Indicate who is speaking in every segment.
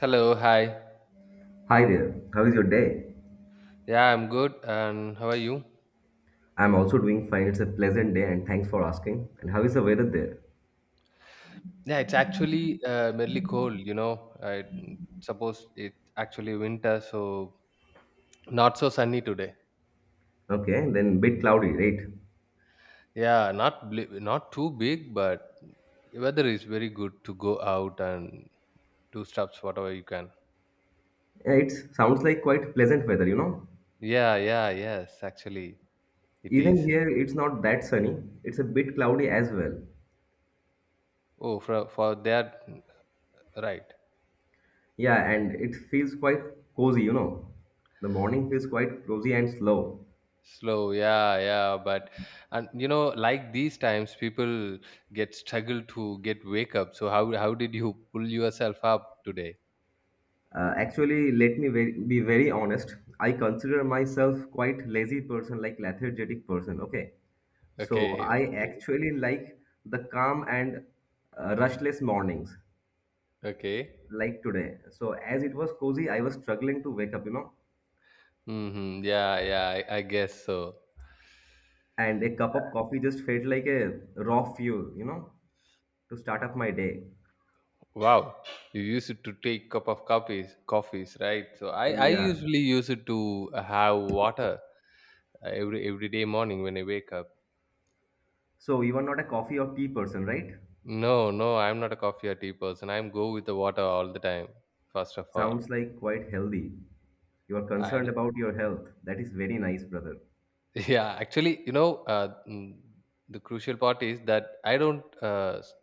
Speaker 1: Hello, hi.
Speaker 2: Hi there, how is your day?
Speaker 1: Yeah, I'm good. And how are you?
Speaker 2: I'm also doing fine. It's a pleasant day and thanks for asking. And how is the weather there?
Speaker 1: Yeah, it's actually merely cold, you know. I suppose it's actually winter, so not so sunny today.
Speaker 2: Okay, then bit cloudy, right?
Speaker 1: Yeah, not too big, but weather is very good to go out and do stuffs whatever you can.
Speaker 2: Yeah, it sounds like quite pleasant weather, you know?
Speaker 1: Yeah, yeah, yes, actually it
Speaker 2: Even
Speaker 1: is.
Speaker 2: here, it's not that sunny. It's a bit cloudy as well.
Speaker 1: Oh, for that, right.
Speaker 2: Yeah, and it feels quite cozy, you know? The morning feels quite cozy and slow.
Speaker 1: Slow, yeah, yeah, but and you know like these times people get struggle to get wake up, so how did you pull yourself up today?
Speaker 2: Actually, let me be very honest. I consider myself quite lazy person, like lethargic person. Okay, so
Speaker 1: Okay,
Speaker 2: I
Speaker 1: okay,
Speaker 2: actually like the calm and rushless mornings,
Speaker 1: okay.
Speaker 2: like today. So as it was cozy, I was struggling to wake up,
Speaker 1: Mm-hmm. Yeah, yeah, I guess so.
Speaker 2: and a cup of coffee just felt like a raw fuel, to start up my day.
Speaker 1: Wow, you use it to take cup of coffees, right? So I
Speaker 2: Yeah.
Speaker 1: usually use it to have water, every day morning when I wake up.
Speaker 2: So you are not a coffee or tea person, right?
Speaker 1: No, no, I'm not a coffee or tea person, I'm go with the water all the time, first of all.
Speaker 2: Sounds like quite healthy. You are
Speaker 1: I.
Speaker 2: concerned about your health. That is very nice, brother.
Speaker 1: Yeah, actually, you know, the crucial part is that I don't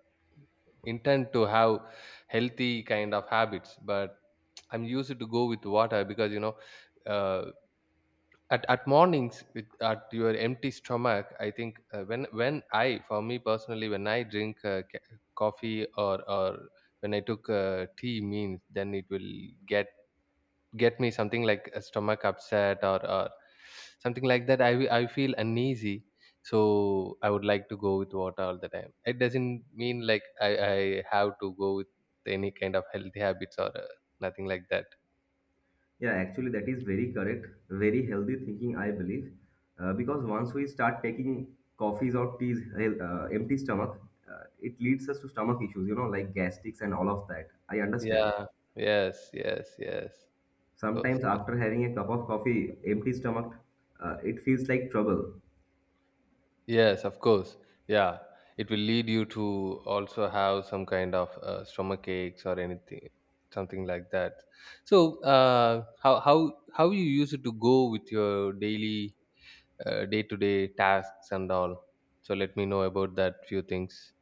Speaker 1: intend to have healthy kind of habits, but I'm used to go with water because you know, uh, at mornings with at your empty stomach, I think when I, for me personally, when I drink coffee or when I took tea means then it will get get me something like a stomach upset, or something like that. I feel uneasy, so I would like to go with water all the time. It doesn't mean like I have to go with any kind of healthy habits or nothing like that.
Speaker 2: Yeah, actually, that is very correct. Very healthy thinking, I believe. Because once we start taking coffees or teas, empty stomach, it leads us to stomach issues, like gastrics and all of that. I understand.
Speaker 1: Yeah, yes, yes, yes, of course.
Speaker 2: Sometimes after having a cup of coffee, empty stomach, it feels like trouble.
Speaker 1: Yes, of course. Yeah, it will lead you to also have some kind of stomach aches or anything, something like that. So, how you use it to go with your daily, day-to-day tasks and all. So let me know about that few things.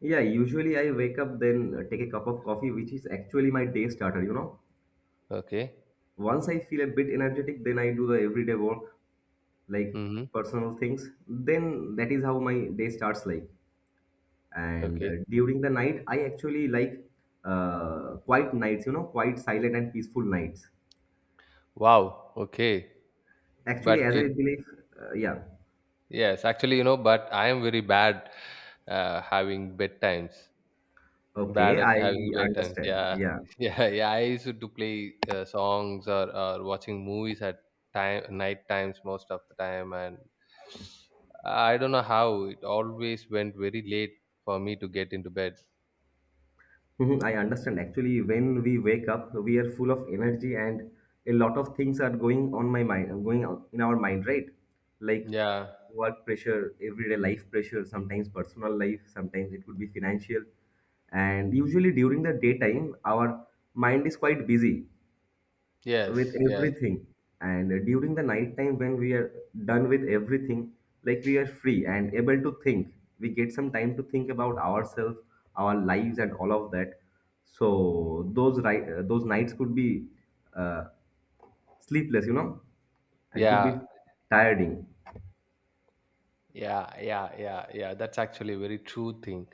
Speaker 2: Yeah, usually I wake up, then take a cup of coffee, which is actually my day starter,
Speaker 1: Okay.
Speaker 2: Once I feel a bit energetic, then I do the everyday work, like
Speaker 1: Mm-hmm.
Speaker 2: personal things. Then that is how my day starts like. And
Speaker 1: Okay.
Speaker 2: during the night I actually like quiet nights, quiet, silent and peaceful nights,
Speaker 1: Wow. Okay.
Speaker 2: actually,
Speaker 1: But
Speaker 2: as I
Speaker 1: it,
Speaker 2: believe. Uh, yeah.
Speaker 1: yes, actually, you know, but I am very bad having bedtimes.
Speaker 2: Okay,
Speaker 1: Bad at
Speaker 2: I
Speaker 1: having bedtimes.
Speaker 2: understand.
Speaker 1: Yeah,
Speaker 2: Yeah.
Speaker 1: yeah, yeah. I used to play songs or watching movies at time night times most of the time, and I don't know how it always went very late for me to get into bed.
Speaker 2: Mhm, I understand. Actually, when we wake up, we are full of energy, and a lot of things are going on my mind, going on in our mind, right? Like
Speaker 1: Yeah.
Speaker 2: work pressure, everyday life pressure, sometimes personal life, sometimes it could be financial. And usually during the daytime, our mind is quite busy with
Speaker 1: Yes. Yes.
Speaker 2: everything. And during the night time, when we are done with everything, like we are free and able to think, we get some time to think about ourselves, our lives, and all of that. So those, right, those nights could be uh, sleepless, and could be
Speaker 1: Yeah.
Speaker 2: tiring.
Speaker 1: Yeah. Yeah. Yeah. Yeah. That's actually a very true thing.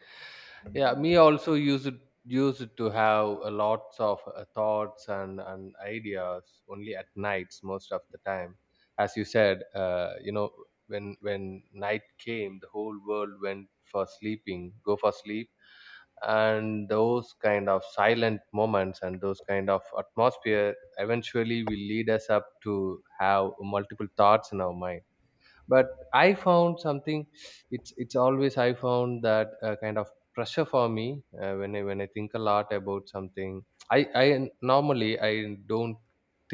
Speaker 1: Yeah, me also used to have a lots of thoughts and ideas only at nights most of the time. As you said, you know, when night came, the whole world went for sleeping, go for sleep, and those kind of silent moments and those kind of atmosphere eventually will lead us up to have multiple thoughts in our mind. But I found something. It's always I found that kind of pressure for me when I think a lot about something. I normally I don't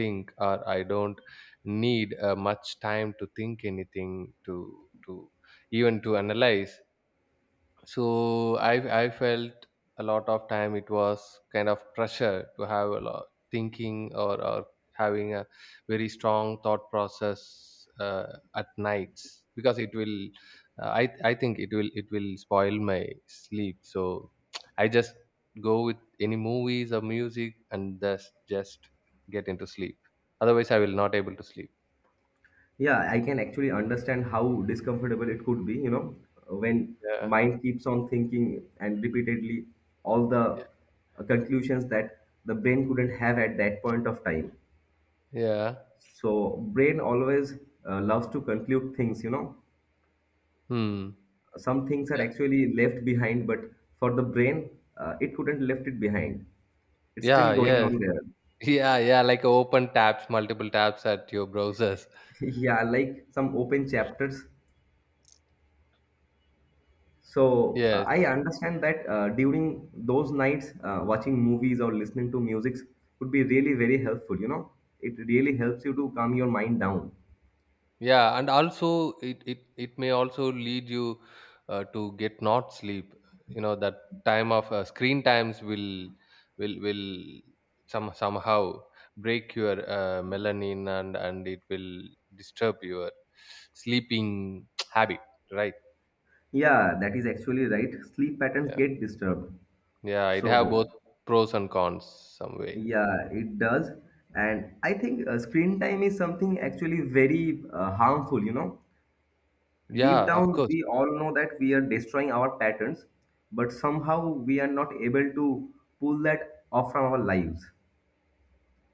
Speaker 1: think, or I don't need much time to think anything, to even to analyze. So i I felt a lot of time it was kind of pressure to have a lot thinking, or having a very strong thought process, uh, at nights, because it will I think it will spoil my sleep, so I just go with any movies or music and just get into sleep, otherwise I will not able to sleep.
Speaker 2: Yeah, I can actually understand how discomfortable it could be, when
Speaker 1: Yeah.
Speaker 2: mind keeps on thinking and repeatedly all the conclusions that the brain couldn't have at that point of time.
Speaker 1: Yeah.
Speaker 2: So brain always loves to conclude things.
Speaker 1: Hmm.
Speaker 2: Some things are
Speaker 1: Yeah.
Speaker 2: actually left behind, but for the brain, it couldn't left it behind. It's still
Speaker 1: Yeah.
Speaker 2: going
Speaker 1: Yes.
Speaker 2: on there.
Speaker 1: Yeah, yeah, like open tabs, multiple tabs at your browsers.
Speaker 2: Yeah, like some open chapters. So
Speaker 1: Yes.
Speaker 2: I understand that during those nights, watching movies or listening to music would be really very helpful. You know, it really helps you to calm your mind down.
Speaker 1: Yeah, and also it may also lead you to get not sleep. You know that time of screen times will somehow break your melanin and it will disturb your sleeping habit, right?
Speaker 2: Yeah, that is actually right. Sleep patterns
Speaker 1: Yeah.
Speaker 2: get disturbed.
Speaker 1: Yeah, it have
Speaker 2: So
Speaker 1: both pros and cons some way.
Speaker 2: yeah, it does. And I think screen time is something actually very harmful. You know, deep
Speaker 1: Yeah, of
Speaker 2: down
Speaker 1: course.
Speaker 2: we all know that we are destroying our patterns, but somehow we are not able to pull that off from our lives.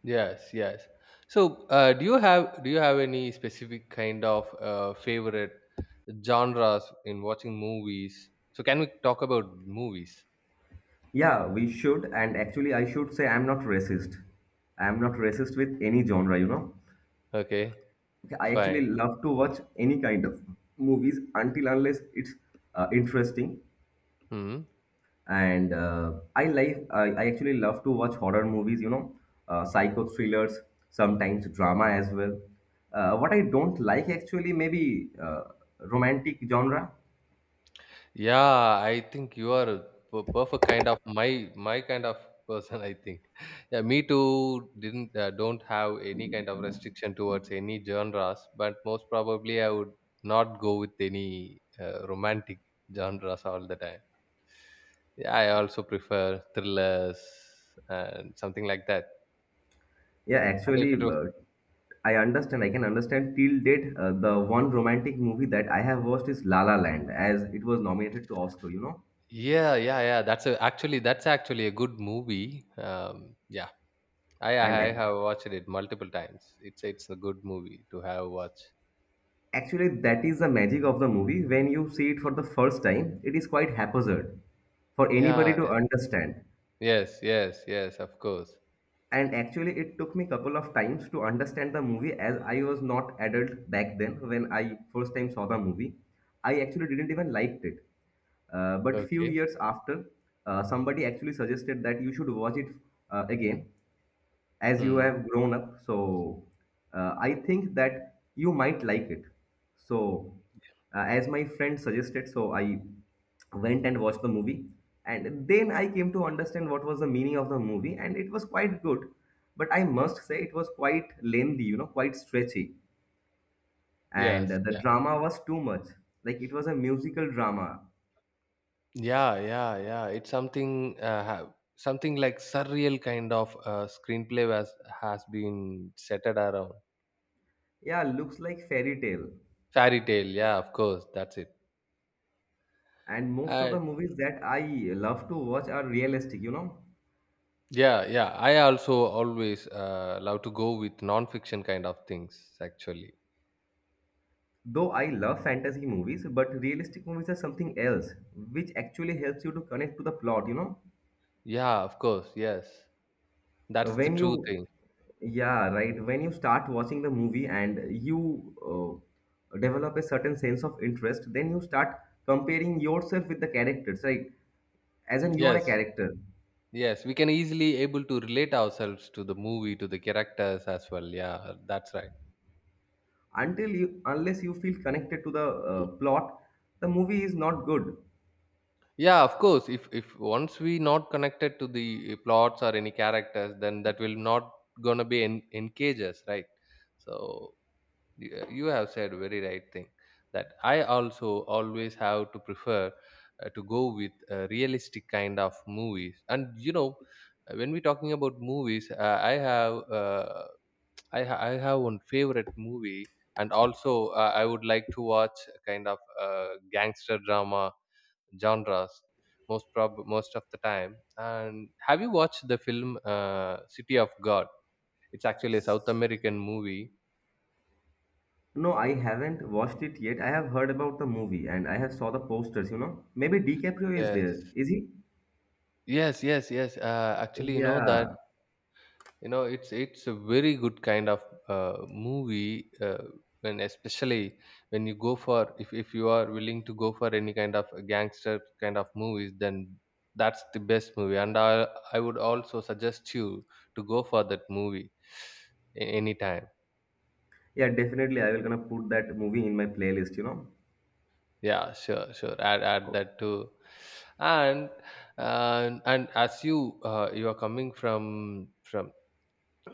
Speaker 1: Yes, yes. So, do you have any specific kind of favorite genres in watching movies? So, can we talk about movies?
Speaker 2: Yeah, we should. And actually, I should say I'm not racist. I'm not racist with any genre.
Speaker 1: Okay,
Speaker 2: Okay, I actually
Speaker 1: fine.
Speaker 2: love to watch any kind of movies until unless it's interesting.
Speaker 1: Hmm.
Speaker 2: And I actually love to watch horror movies, psycho thrillers, sometimes drama as well. What I don't like actually, maybe romantic genre.
Speaker 1: Yeah, I think you are a perfect kind of my kind of person. I think. Yeah, me too. Didn't don't have any kind of restriction towards any genres, but most probably I would not go with any romantic genres all the time. Yeah, I also prefer thrillers and something like that.
Speaker 2: Yeah,
Speaker 1: And if
Speaker 2: actually,
Speaker 1: it was,
Speaker 2: I understand. I can understand till date. The one romantic movie that I have watched is La La Land, as it was nominated to Oscar.
Speaker 1: yeah, yeah, yeah, that's a, actually that's actually a good movie. Yeah, I
Speaker 2: And
Speaker 1: I have watched it multiple times. It's a good movie to have watch.
Speaker 2: actually, that is the magic of the movie. When you see it for the first time, it is quite haphazard for anybody
Speaker 1: Yeah,
Speaker 2: to understand.
Speaker 1: yes, yes, yes, of course.
Speaker 2: And actually, it took me couple of times to understand the movie, as I was not adult back then. When I first time saw the movie, I actually didn't even liked it. But few
Speaker 1: Okay.
Speaker 2: years after, somebody actually suggested that you should watch it again, as you
Speaker 1: Hmm.
Speaker 2: have grown up. So I think that you might like it. So as my friend suggested, so I went and watched the movie, and then I came to understand what was the meaning of the movie, and it was quite good. But I must say it was quite lengthy, quite stretchy. And
Speaker 1: Yes.
Speaker 2: the
Speaker 1: Yeah.
Speaker 2: drama was too much, like it was a musical drama.
Speaker 1: Yeah. Yeah. Yeah. It's something. Something like surreal kind of screenplay was has been centered around
Speaker 2: Yeah, looks like fairy tale.
Speaker 1: fairy tale. Yeah. Of course. That's it.
Speaker 2: And most of
Speaker 1: Uh,
Speaker 2: the movies that I love to watch are realistic,
Speaker 1: Yeah, yeah. I also always love to go with non-fiction kind of things, actually.
Speaker 2: though I love fantasy movies, but realistic movies are something else, which actually helps you to connect to the plot, you know?
Speaker 1: Yeah, of course. Yes, that's the
Speaker 2: When
Speaker 1: true
Speaker 2: you,
Speaker 1: thing.
Speaker 2: yeah, right, when you start watching the movie and you develop a certain sense of interest, then you start comparing yourself with the characters, right? As in, you are
Speaker 1: Yes,
Speaker 2: a character.
Speaker 1: yes. We can easily able to relate ourselves to the movie, to the characters as well. Yeah, that's right.
Speaker 2: Unless you feel connected to the plot, the movie is not good.
Speaker 1: Yeah, of course. If once we not connected to the plots or any characters, then that will not gonna be engage us, right? So you you have said very right thing, that I also always have to prefer to go with a realistic kind of movies. And you know, when we talking about movies, I have one favorite movie, and also I would like to watch a kind of gangster drama genres most of the time. And have you watched the film City of God? It's actually a South American movie.
Speaker 2: No, I haven't watched it yet. I have heard about the movie and I have saw the posters. Maybe DiCaprio is there.
Speaker 1: Yes.
Speaker 2: Is he?
Speaker 1: Yes, yes, yes. Actually, you know that
Speaker 2: Yeah.
Speaker 1: you know it's a very good kind of movie, when especially when you go for, if you are willing to go for any kind of gangster kind of movies, then that's the best movie. And I would also suggest you to go for that movie, anytime.
Speaker 2: Yeah, definitely I will gonna put that movie in my playlist.
Speaker 1: Yeah, sure, sure. Add
Speaker 2: Oh,
Speaker 1: that too. And and as you you are coming from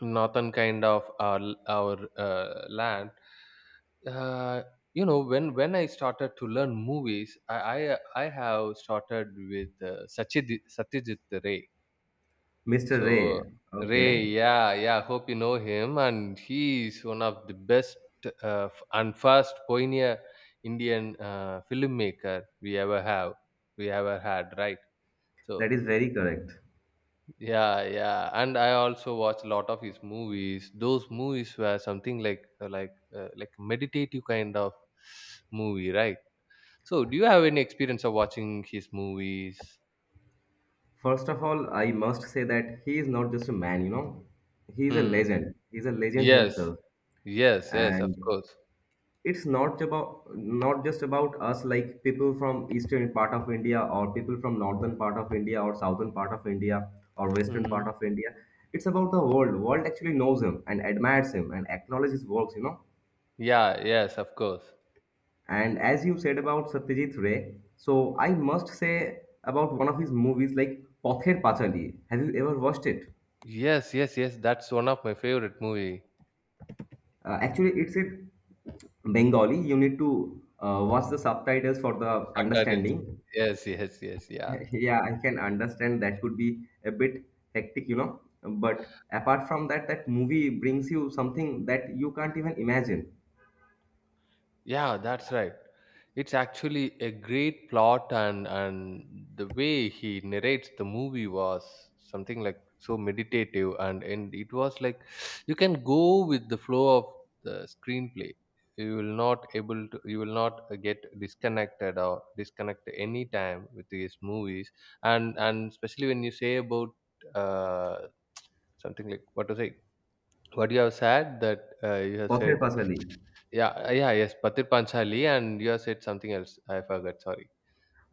Speaker 1: northern kind of our land, uh, you know, when I started to learn movies, I have started with Satyajit Ray.
Speaker 2: Mr.
Speaker 1: So
Speaker 2: Ray.
Speaker 1: Ray,
Speaker 2: Okay.
Speaker 1: yeah, yeah, hope you know him. And he is one of the best and first pioneer Indian filmmaker we ever had, right?
Speaker 2: That
Speaker 1: So
Speaker 2: is very correct.
Speaker 1: yeah, yeah, and I also watch a lot of his movies. Those movies were something like like meditative kind of movie, right? So, do you have any experience of watching his movies?
Speaker 2: First of all, I must say that he is not just a man. He is a
Speaker 1: Hmm.
Speaker 2: legend. He is a legend
Speaker 1: Yes,
Speaker 2: himself.
Speaker 1: yes, yes, of
Speaker 2: And
Speaker 1: course.
Speaker 2: it's not about, not just about us, like people from eastern part of India, or people from northern part of India, or southern part of India, or western part
Speaker 1: Hmm.
Speaker 2: of India. It's about the world. World actually knows him and admires him and acknowledges his works
Speaker 1: Yeah, yes, of course.
Speaker 2: and as you said about Satyajit Ray, so I must say about one of his movies, like Pather Pachali. Have you ever watched it?
Speaker 1: Yes, yes, yes. That's one of my favorite movie.
Speaker 2: Uh, actually, it's a Bengali, you need to watch the subtitles for the
Speaker 1: Subtitles.
Speaker 2: understanding.
Speaker 1: Yes, yes, yes. Yeah.
Speaker 2: Yeah, I can understand that could be a bit hectic. But apart from that, that movie brings you something that you can't even imagine.
Speaker 1: Yeah, that's right. It's actually a great plot, and the way he narrates the movie was something like so meditative, and it was like you can go with the flow of the screenplay. You will not able to. You will not get disconnected or disconnect any time with these movies. And especially when you say about uh, something like what to say. What you have said that you have
Speaker 2: Pother
Speaker 1: said,
Speaker 2: Pasali.
Speaker 1: yeah, yeah, yes, Patir Panchali, and you have said something else. I forgot. Sorry.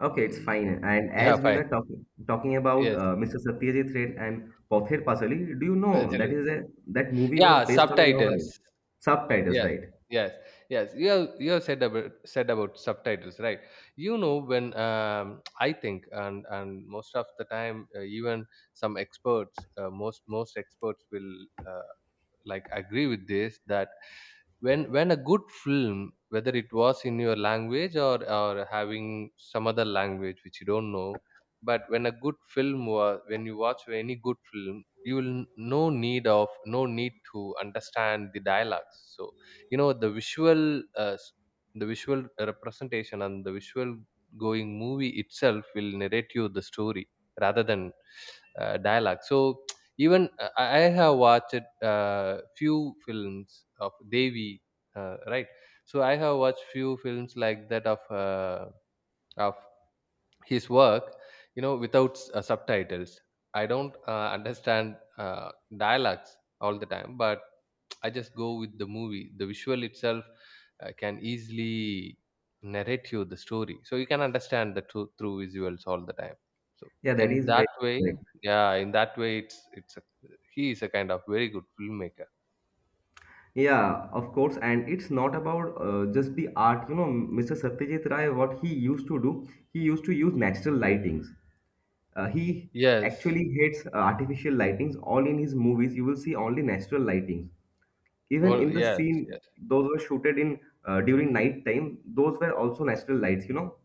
Speaker 2: Okay, it's
Speaker 1: Mm,
Speaker 2: fine. And
Speaker 1: yeah,
Speaker 2: as we
Speaker 1: fine.
Speaker 2: were talking about
Speaker 1: Yes,
Speaker 2: Mr. Satyajit Ray and Pother Pasali, do you know that
Speaker 1: Pathir-
Speaker 2: is a that movie was
Speaker 1: yeah,
Speaker 2: based on a novel?
Speaker 1: subtitles.
Speaker 2: Subtitles,
Speaker 1: Yes,
Speaker 2: right?
Speaker 1: yes, yes. You have said about subtitles, right? You know, when I think, and most of the time, even some experts, most experts will uh, like agree with this that when a good film, whether it was in your language, or having some other language which you don't know, but when a good film was, when you watch any good film, you will no need of no need to understand the dialogues. So you know the visual uh, s- the visual representation and the visual going movie itself will narrate you the story rather than dialogue. So even I have watched few films of Devi, right? So I have watched few films like that of of his work, you know, without subtitles. I don't understand uh, dialects all the time, but I just go with the movie. The visual itself can easily narrate you the story, so you can understand the truth through visuals all the time. So
Speaker 2: Yeah, that
Speaker 1: in
Speaker 2: is very
Speaker 1: that way,
Speaker 2: correct.
Speaker 1: yeah, in that way he is a kind of very good filmmaker.
Speaker 2: Yeah, of course, and it's not about just the art. You know, Mr. Satyajit Ray, what he used to do, he used to use natural lightings. He
Speaker 1: Yes.
Speaker 2: actually hates artificial lightings. All in his movies, you will see only natural lightings. Even
Speaker 1: Oh
Speaker 2: in the
Speaker 1: yes.
Speaker 2: scene,
Speaker 1: Yes.
Speaker 2: those were shooted in during night time. Those were also natural lights.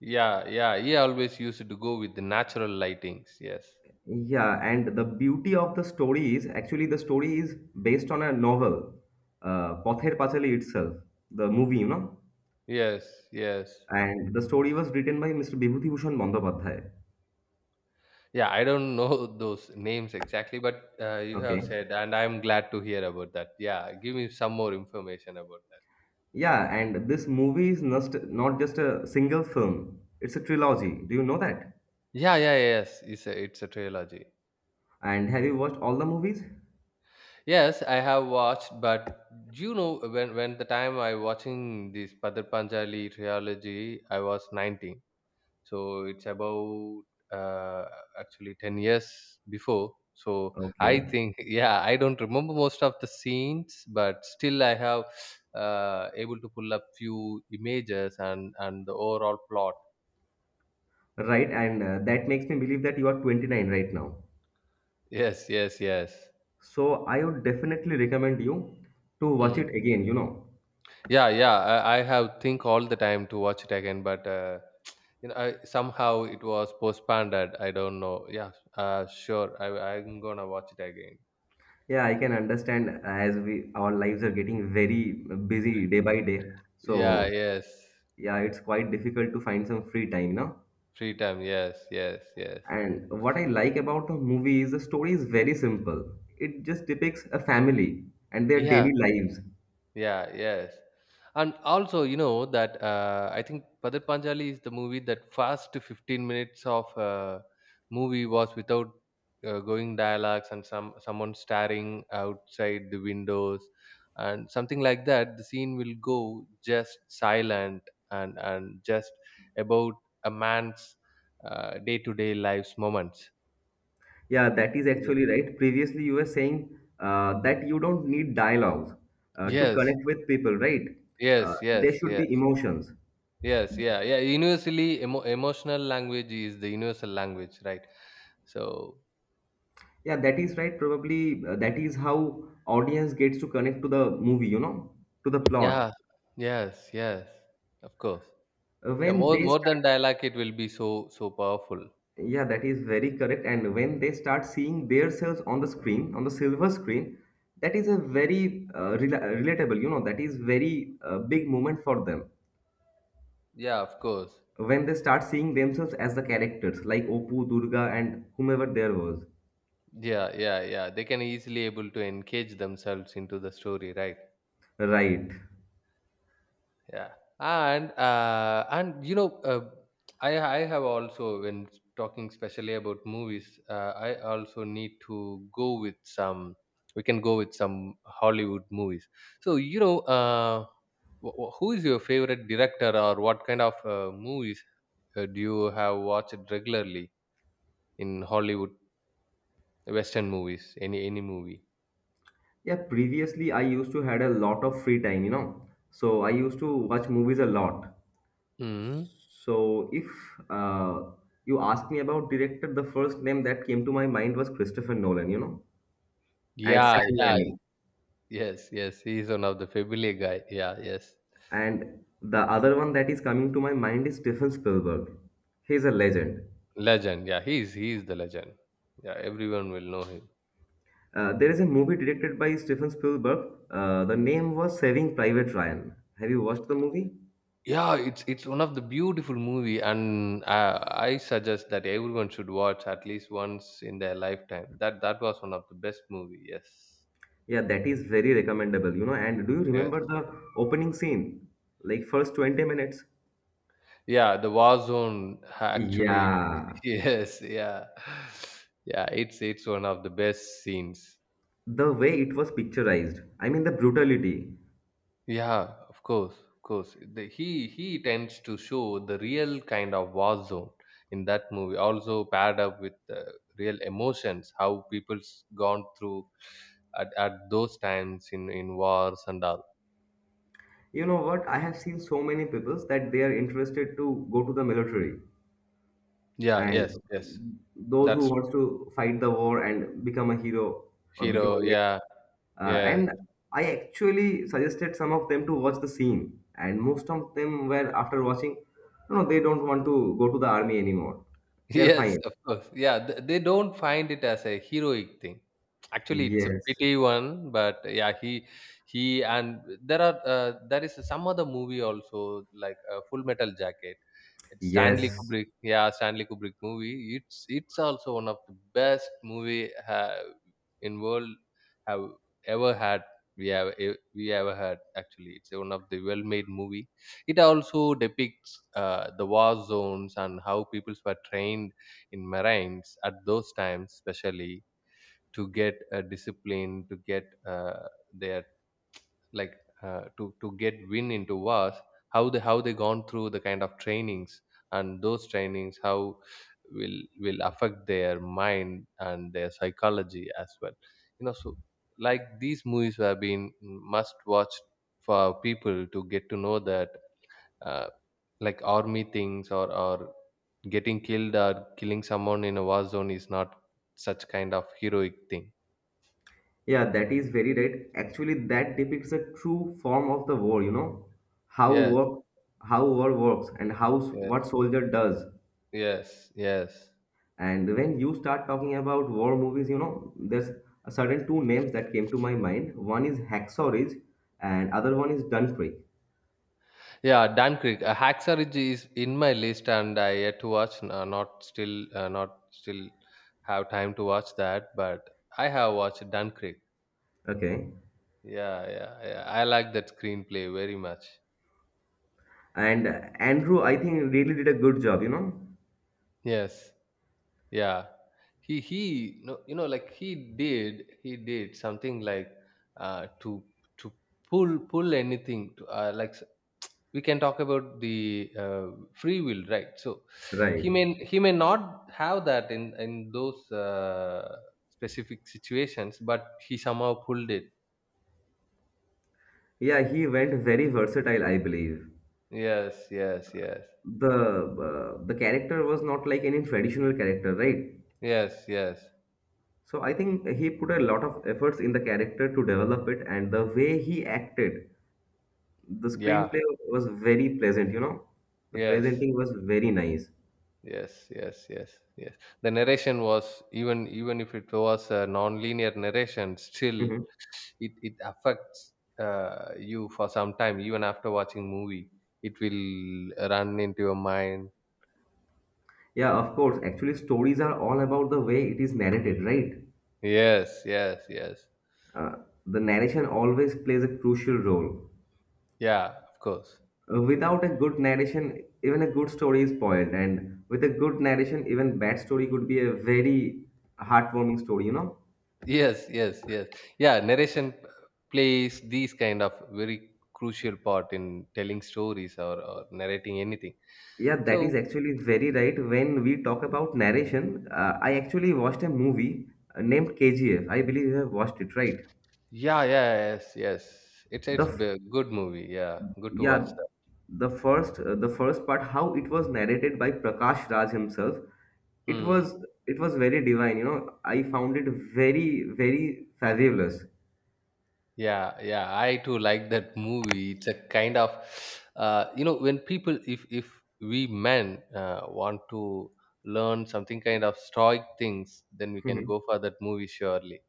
Speaker 1: Yeah, yeah, he always used to go with the natural lightings. Yes,
Speaker 2: Yeah, and the beauty of the story is actually the story is based on a novel, Pather Pachali itself, the movie.
Speaker 1: yes, yes.
Speaker 2: And the story was written by Mr. Bibhuti Bhushan Bandyopadhyay.
Speaker 1: Yeah, I don't know those names exactly, but you have
Speaker 2: Okay.
Speaker 1: said, and I'm glad to hear about that. Yeah, give me some more information about that.
Speaker 2: Yeah, and this movie is not just a single film, it's a trilogy. Do you know that?
Speaker 1: Yeah, yeah, yeah, yes, it's a trilogy.
Speaker 2: And have you watched all the movies?
Speaker 1: Yes, I have watched, but when the time I watching this Padar Panjali trilogy, I was 19. So it's about uh, actually 10 years before, so I
Speaker 2: Okay.
Speaker 1: think yeah, I don't remember most of the scenes, but still I have able to pull up few images and the overall plot.
Speaker 2: Right, and that makes me believe that you are 29 right now.
Speaker 1: Yes, yes, yes.
Speaker 2: So I would definitely recommend you to watch
Speaker 1: Mm.
Speaker 2: it again.
Speaker 1: Yeah, yeah. I have think all the time to watch it again, but I, somehow it was postponed. I don't know. Yeah, sure. I'm gonna watch it again.
Speaker 2: Yeah, I can understand as we our lives are getting very busy day by day.
Speaker 1: Yeah,
Speaker 2: So
Speaker 1: yes.
Speaker 2: yeah, it's quite difficult to find some free time now.
Speaker 1: Free time. Yes, yes, yes.
Speaker 2: And what I like about the movie is the story is very simple. It just depicts a family and their
Speaker 1: Yeah,
Speaker 2: daily lives.
Speaker 1: yeah, yes. And also, you know that I think Padar Panchali is the movie that first 15 minutes of movie was without going dialogues and someone staring outside the windows and something like that. The scene will go just silent and just about a man's day-to-day life's moments.
Speaker 2: Yeah, that is
Speaker 1: Is it?
Speaker 2: actually right. Previously, you were saying that you don't need dialogues to
Speaker 1: Yes,
Speaker 2: connect with people, right?
Speaker 1: yes, yes,
Speaker 2: There should be
Speaker 1: yes.
Speaker 2: emotions.
Speaker 1: Yes, yeah, yeah. Universally emotional language is the universal language, right? So
Speaker 2: Yeah, that is right. Probably that is how audience gets to connect to the movie, to the plot.
Speaker 1: yeah, yes, yes, of course.
Speaker 2: Uh,
Speaker 1: Yeah,
Speaker 2: When they
Speaker 1: more
Speaker 2: start,
Speaker 1: than dialogue, it will be so powerful.
Speaker 2: yeah, that is very correct. And when they start seeing themselves on the screen, on the silver screen, that is a very relatable, that is very big moment for them.
Speaker 1: Yeah, of course.
Speaker 2: When they start seeing themselves as the characters like Oppu, Durga, and whomever there was.
Speaker 1: Yeah, yeah, yeah. They can easily able to engage themselves into the story, right?
Speaker 2: Right.
Speaker 1: Yeah, and you know, I have also when talking specially about movies, I also need to go with some. We can go with some Hollywood movies. So you know, who is your favorite director, or what kind of movies do you have watched regularly in Hollywood Western movies? Any movie?
Speaker 2: Yeah, previously I used to had a lot of free time. So I used to watch movies a lot.
Speaker 1: Hmm.
Speaker 2: So if uh, you ask me about director, the first name that came to my mind was Christopher Nolan, and
Speaker 1: Yeah,
Speaker 2: Sam
Speaker 1: yeah,
Speaker 2: Raimi.
Speaker 1: yes, yes. He's one of the familiar guy. Yeah, yes.
Speaker 2: And the other one that is coming to my mind is Stephen Spielberg. He's a legend.
Speaker 1: Legend, yeah, he's the legend. Yeah, everyone will know him.
Speaker 2: There is a movie directed by Steven Spielberg. The name was Saving Private Ryan. Have you watched the movie?
Speaker 1: Yeah, it's one of the beautiful movie, and I suggest that everyone should watch at least once in their lifetime. That was one of the best movie. Yes,
Speaker 2: Yeah, that is very recommendable. And do you
Speaker 1: yes,
Speaker 2: remember the opening scene? Like first 20 minutes?
Speaker 1: yeah. The War Zone actually,
Speaker 2: Yeah,
Speaker 1: yes, yeah, yeah. It's one of the best scenes.
Speaker 2: the way it was picturized. I mean, the brutality.
Speaker 1: Yeah, of course, of course. He tends to show the real kind of war zone in that movie, also paired up with real emotions, how people's gone through at those times in wars and all.
Speaker 2: You know what? I have seen so many people that they are interested to go to the military
Speaker 1: Yeah,
Speaker 2: and
Speaker 1: yes, yes.
Speaker 2: those who
Speaker 1: That's
Speaker 2: wants to fight the war and become a hero or become a
Speaker 1: hero. Yeah,
Speaker 2: And
Speaker 1: yes.
Speaker 2: I actually suggested some of them to watch the scene, and most of them were after watching, no, no, they don't want to go to the army anymore. They're
Speaker 1: Yes,
Speaker 2: fine.
Speaker 1: of course. Yeah, they don't find it as a heroic thing. Actually, it's a
Speaker 2: Yes,
Speaker 1: pity one, but yeah, he and there are there is some other movie also like Full Metal Jacket. It's Stanley
Speaker 2: yes,
Speaker 1: Kubrick. Yeah, Stanley Kubrick movie. It's also one of the best movie have in world have ever had. We have we ever had actually. It's one of the well made movie. It also depicts the war zones and how peoples were trained in marines at those times, especially to get a discipline, to get their like to get win into was how they gone through the kind of trainings and those trainings how will affect their mind and their psychology as well, you know, so like these movies have been must watch for people to get to know that uh, like army things or getting killed or killing someone in a war zone is not such kind of heroic thing.
Speaker 2: yeah, that is very right. Actually, that depicts a true form of the war. You know how
Speaker 1: Yes,
Speaker 2: work, how war works, and what
Speaker 1: yes,
Speaker 2: soldier does.
Speaker 1: yes, yes.
Speaker 2: And when you start talking about war movies, you know there's a certain two names that came to my mind. One is Hacksaw Ridge, and other one is Dunkirk.
Speaker 1: Yeah, Dan Creek. Hacksaw Ridge is in my list, and I yet to watch. Not still, not still have time to watch that, but I have watched Dan Creek.
Speaker 2: Okay.
Speaker 1: Yeah, yeah, yeah. I like that screenplay very much.
Speaker 2: And Andrew, I think, really did a good job, you know?
Speaker 1: Yes, yeah. He he, no, you know, like he he did something like uh, to to pull anything to like we can talk about the free will, right? So he
Speaker 2: Right.
Speaker 1: may not have that in those specific situations, but he somehow pulled it.
Speaker 2: Yeah, he went very versatile, I believe.
Speaker 1: Yes, yes, yes,
Speaker 2: The the character was not like any traditional character, right?
Speaker 1: yes, yes,
Speaker 2: So I think he put a lot of efforts in the character to develop it, and the way he acted, the
Speaker 1: yeah,
Speaker 2: screenplay was very pleasant, you know? The
Speaker 1: yes,
Speaker 2: presenting was very nice.
Speaker 1: yes, yes, yes, yes. The narration was even, even if it was a non-linear narration, still
Speaker 2: Hmm.
Speaker 1: it it affects you for some time, even after watching movie it will run into your mind.
Speaker 2: Yeah, of course. Actually, stories are all about the way it is narrated, right?
Speaker 1: Yes, yes, yes.
Speaker 2: Uh, the narration always plays a crucial role.
Speaker 1: Yeah, of course.
Speaker 2: Without a good narration, even a good story is spoiled. And with a good narration, even bad story could be a very heartwarming story, you know?
Speaker 1: Yes, yes, yes. Yeah, plays these kind of very crucial part in telling stories, or narrating anything.
Speaker 2: Yeah, that is
Speaker 1: So
Speaker 2: actually very right. When we talk about narration, I actually watched a movie named KGF. I believe you have watched it, right?
Speaker 1: yeah, yeah, yes, yes.
Speaker 2: The
Speaker 1: It's
Speaker 2: f-
Speaker 1: a good movie. Yeah, good to watch
Speaker 2: yeah,
Speaker 1: that.
Speaker 2: the first part, how it was narrated by Prakash Raj himself, it
Speaker 1: Hmm.
Speaker 2: was it was very divine. You know, I found it very very fabulous.
Speaker 1: Yeah, yeah. I too like that movie. It's a kind of, you know, when people, if we men want to learn something kind of stoic things, then we can go for that movie surely.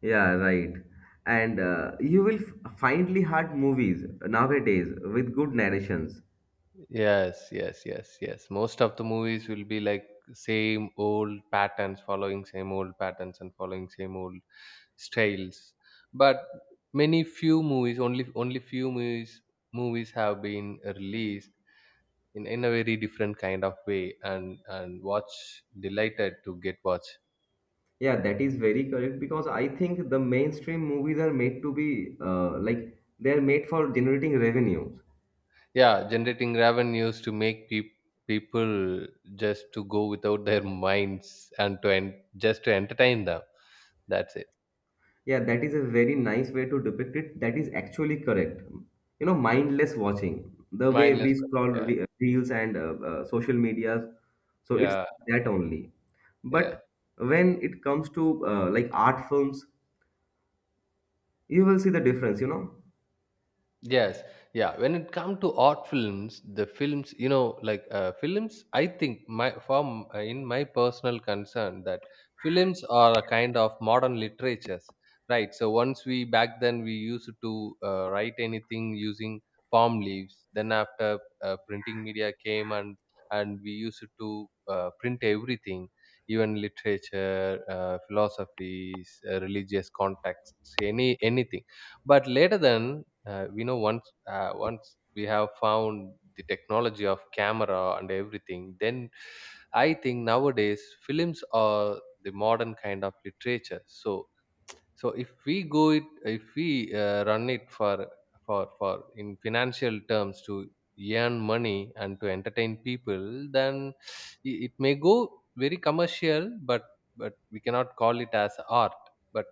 Speaker 2: Yeah, right. And you will finally hard movies nowadays with good narrations.
Speaker 1: Yes, yes, yes, yes. Most of the movies will be like same old patterns, following same old patterns and following same old styles. But many few movies, only few movies have been released in a very different kind of way and watch delighted to get watch.
Speaker 2: Yeah, that is very correct because I think the mainstream movies are made to be like they are made for generating revenues.
Speaker 1: Yeah, generating revenues to make people people just to go without their minds and to just to entertain them. That's it.
Speaker 2: Yeah, that is a very nice way to depict it. That is actually correct. You know, mindless watching, the way
Speaker 1: Mindless.
Speaker 2: we scroll
Speaker 1: Yeah.
Speaker 2: reels and social medias. So it's
Speaker 1: Yeah,
Speaker 2: that only.
Speaker 1: yeah.
Speaker 2: But when it comes to like art films, you will see the difference, you know.
Speaker 1: Yes, yeah. When it comes to art films, the films, you know, like films, I think my from in my personal concern that films are a kind of modern literatures, right? So once we back then we used to write anything using palm leaves. Then after printing media came and we used to print everything, even literature, philosophies, religious contexts, anything, but later then we know once once we have found the technology of camera and everything, then I think nowadays films are the modern kind of literature. So so if we go it, if we run it for in financial terms to earn money and to entertain people, then I- it may go very commercial, but we cannot call it as art. But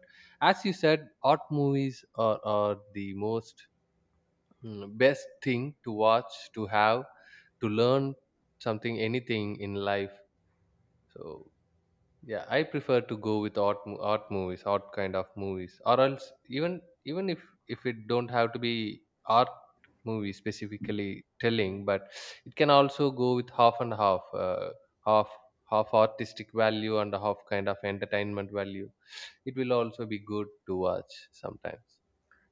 Speaker 1: as you said, art movies are the most mm, best thing to watch to have to learn something anything in life. So yeah, I prefer to go with art movies, art kind of movies, or else even, even if it don't have to be art movie specifically telling, but it can also go with half and half half half artistic value and half kind of entertainment value. It will also be good to watch sometimes.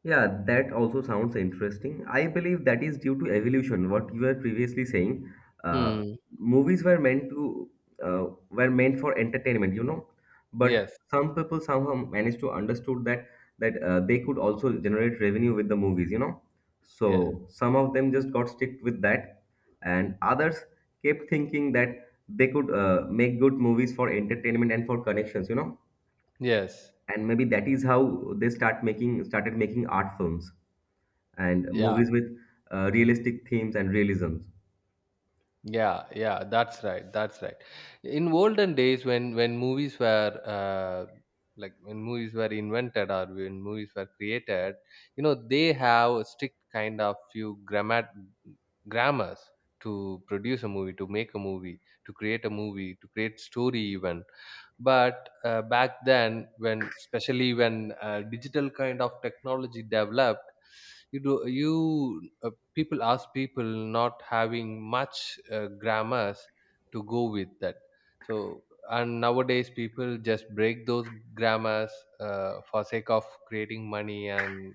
Speaker 2: Yeah, that also sounds interesting. I believe that is due to evolution, what you were previously saying. Uh,
Speaker 1: Hmm,
Speaker 2: Movies were meant to were meant for entertainment, you know. But
Speaker 1: yes,
Speaker 2: some people somehow managed to understood that they could also generate revenue with the movies, you know.
Speaker 1: yes,
Speaker 2: So some of them just got stick with that, and others kept thinking that they could make good movies for entertainment and for connections, you know,
Speaker 1: yes,
Speaker 2: and maybe that is how they started making art films and
Speaker 1: yeah.
Speaker 2: movies with realistic themes and realisms.
Speaker 1: Yeah, yeah, that's right. That's right. In olden days, when movies were like when movies were invented or when movies were created, you know, they have a strict kind of few grammars to produce a movie, to make a movie, to create a movie, to create story even. But back then, when especially when digital kind of technology developed, you do you people ask people not having much grammars to go with that. So and nowadays people just break those grammars for sake of creating money and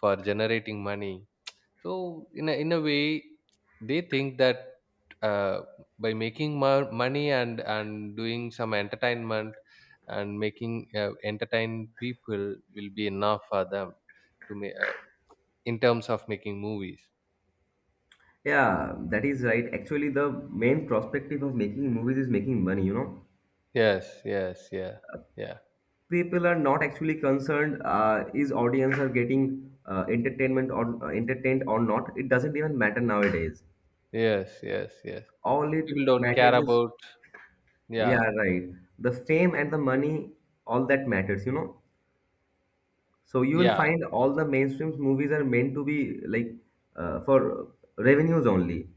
Speaker 1: for generating money. So in a way they think that uh, by making more money and doing some entertainment and making entertain people will be enough for them to make in terms of making movies.
Speaker 2: Yeah, that is right. Actually, the main perspective of making movies is making money, you know.
Speaker 1: Yes, yes, yeah, yeah,
Speaker 2: People are not actually concerned, is audience are getting entertainment or entertained or not, it doesn't even matter nowadays.
Speaker 1: yes, yes, yes.
Speaker 2: All it
Speaker 1: People don't care
Speaker 2: matters is,
Speaker 1: about,
Speaker 2: yeah,
Speaker 1: yeah,
Speaker 2: right, the fame and the money, all that matters, you know. So you will
Speaker 1: yeah,
Speaker 2: find all the mainstream movies are meant to be like for revenues only.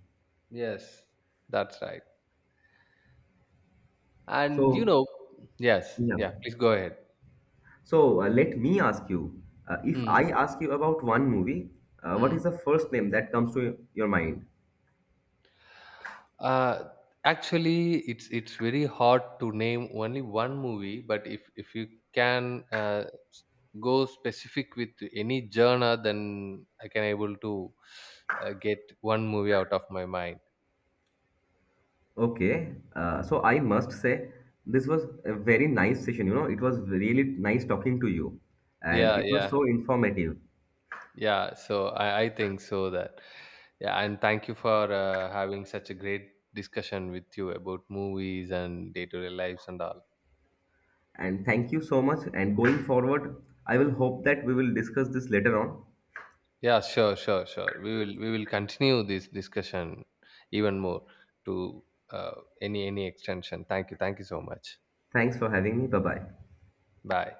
Speaker 1: yes, that's right. And you
Speaker 2: So
Speaker 1: know, yes,
Speaker 2: yeah.
Speaker 1: yeah, please go ahead.
Speaker 2: So let me ask you, if I
Speaker 1: Mm,
Speaker 2: ask you about one movie, what is
Speaker 1: mm.
Speaker 2: the first name that comes to your mind?
Speaker 1: Uh, actually, it's very hard to name only one movie, but if you can s- go specific with any genre, then I can able to get one movie out of my mind.
Speaker 2: Okay, so I must say this was a very nice session. You know, it was really nice talking to you, and
Speaker 1: Yeah,
Speaker 2: it was
Speaker 1: yeah.
Speaker 2: so informative.
Speaker 1: Yeah, so I think so that yeah, and thank you for having such a great discussion with you about movies and day-to-day lives and all.
Speaker 2: And thank you so much. And going forward, I will hope that we will discuss this later on.
Speaker 1: Yeah, sure, sure, sure. We will continue this discussion even more to any extension. Thank you so much.
Speaker 2: Thanks for having me. Bye bye.
Speaker 1: Bye.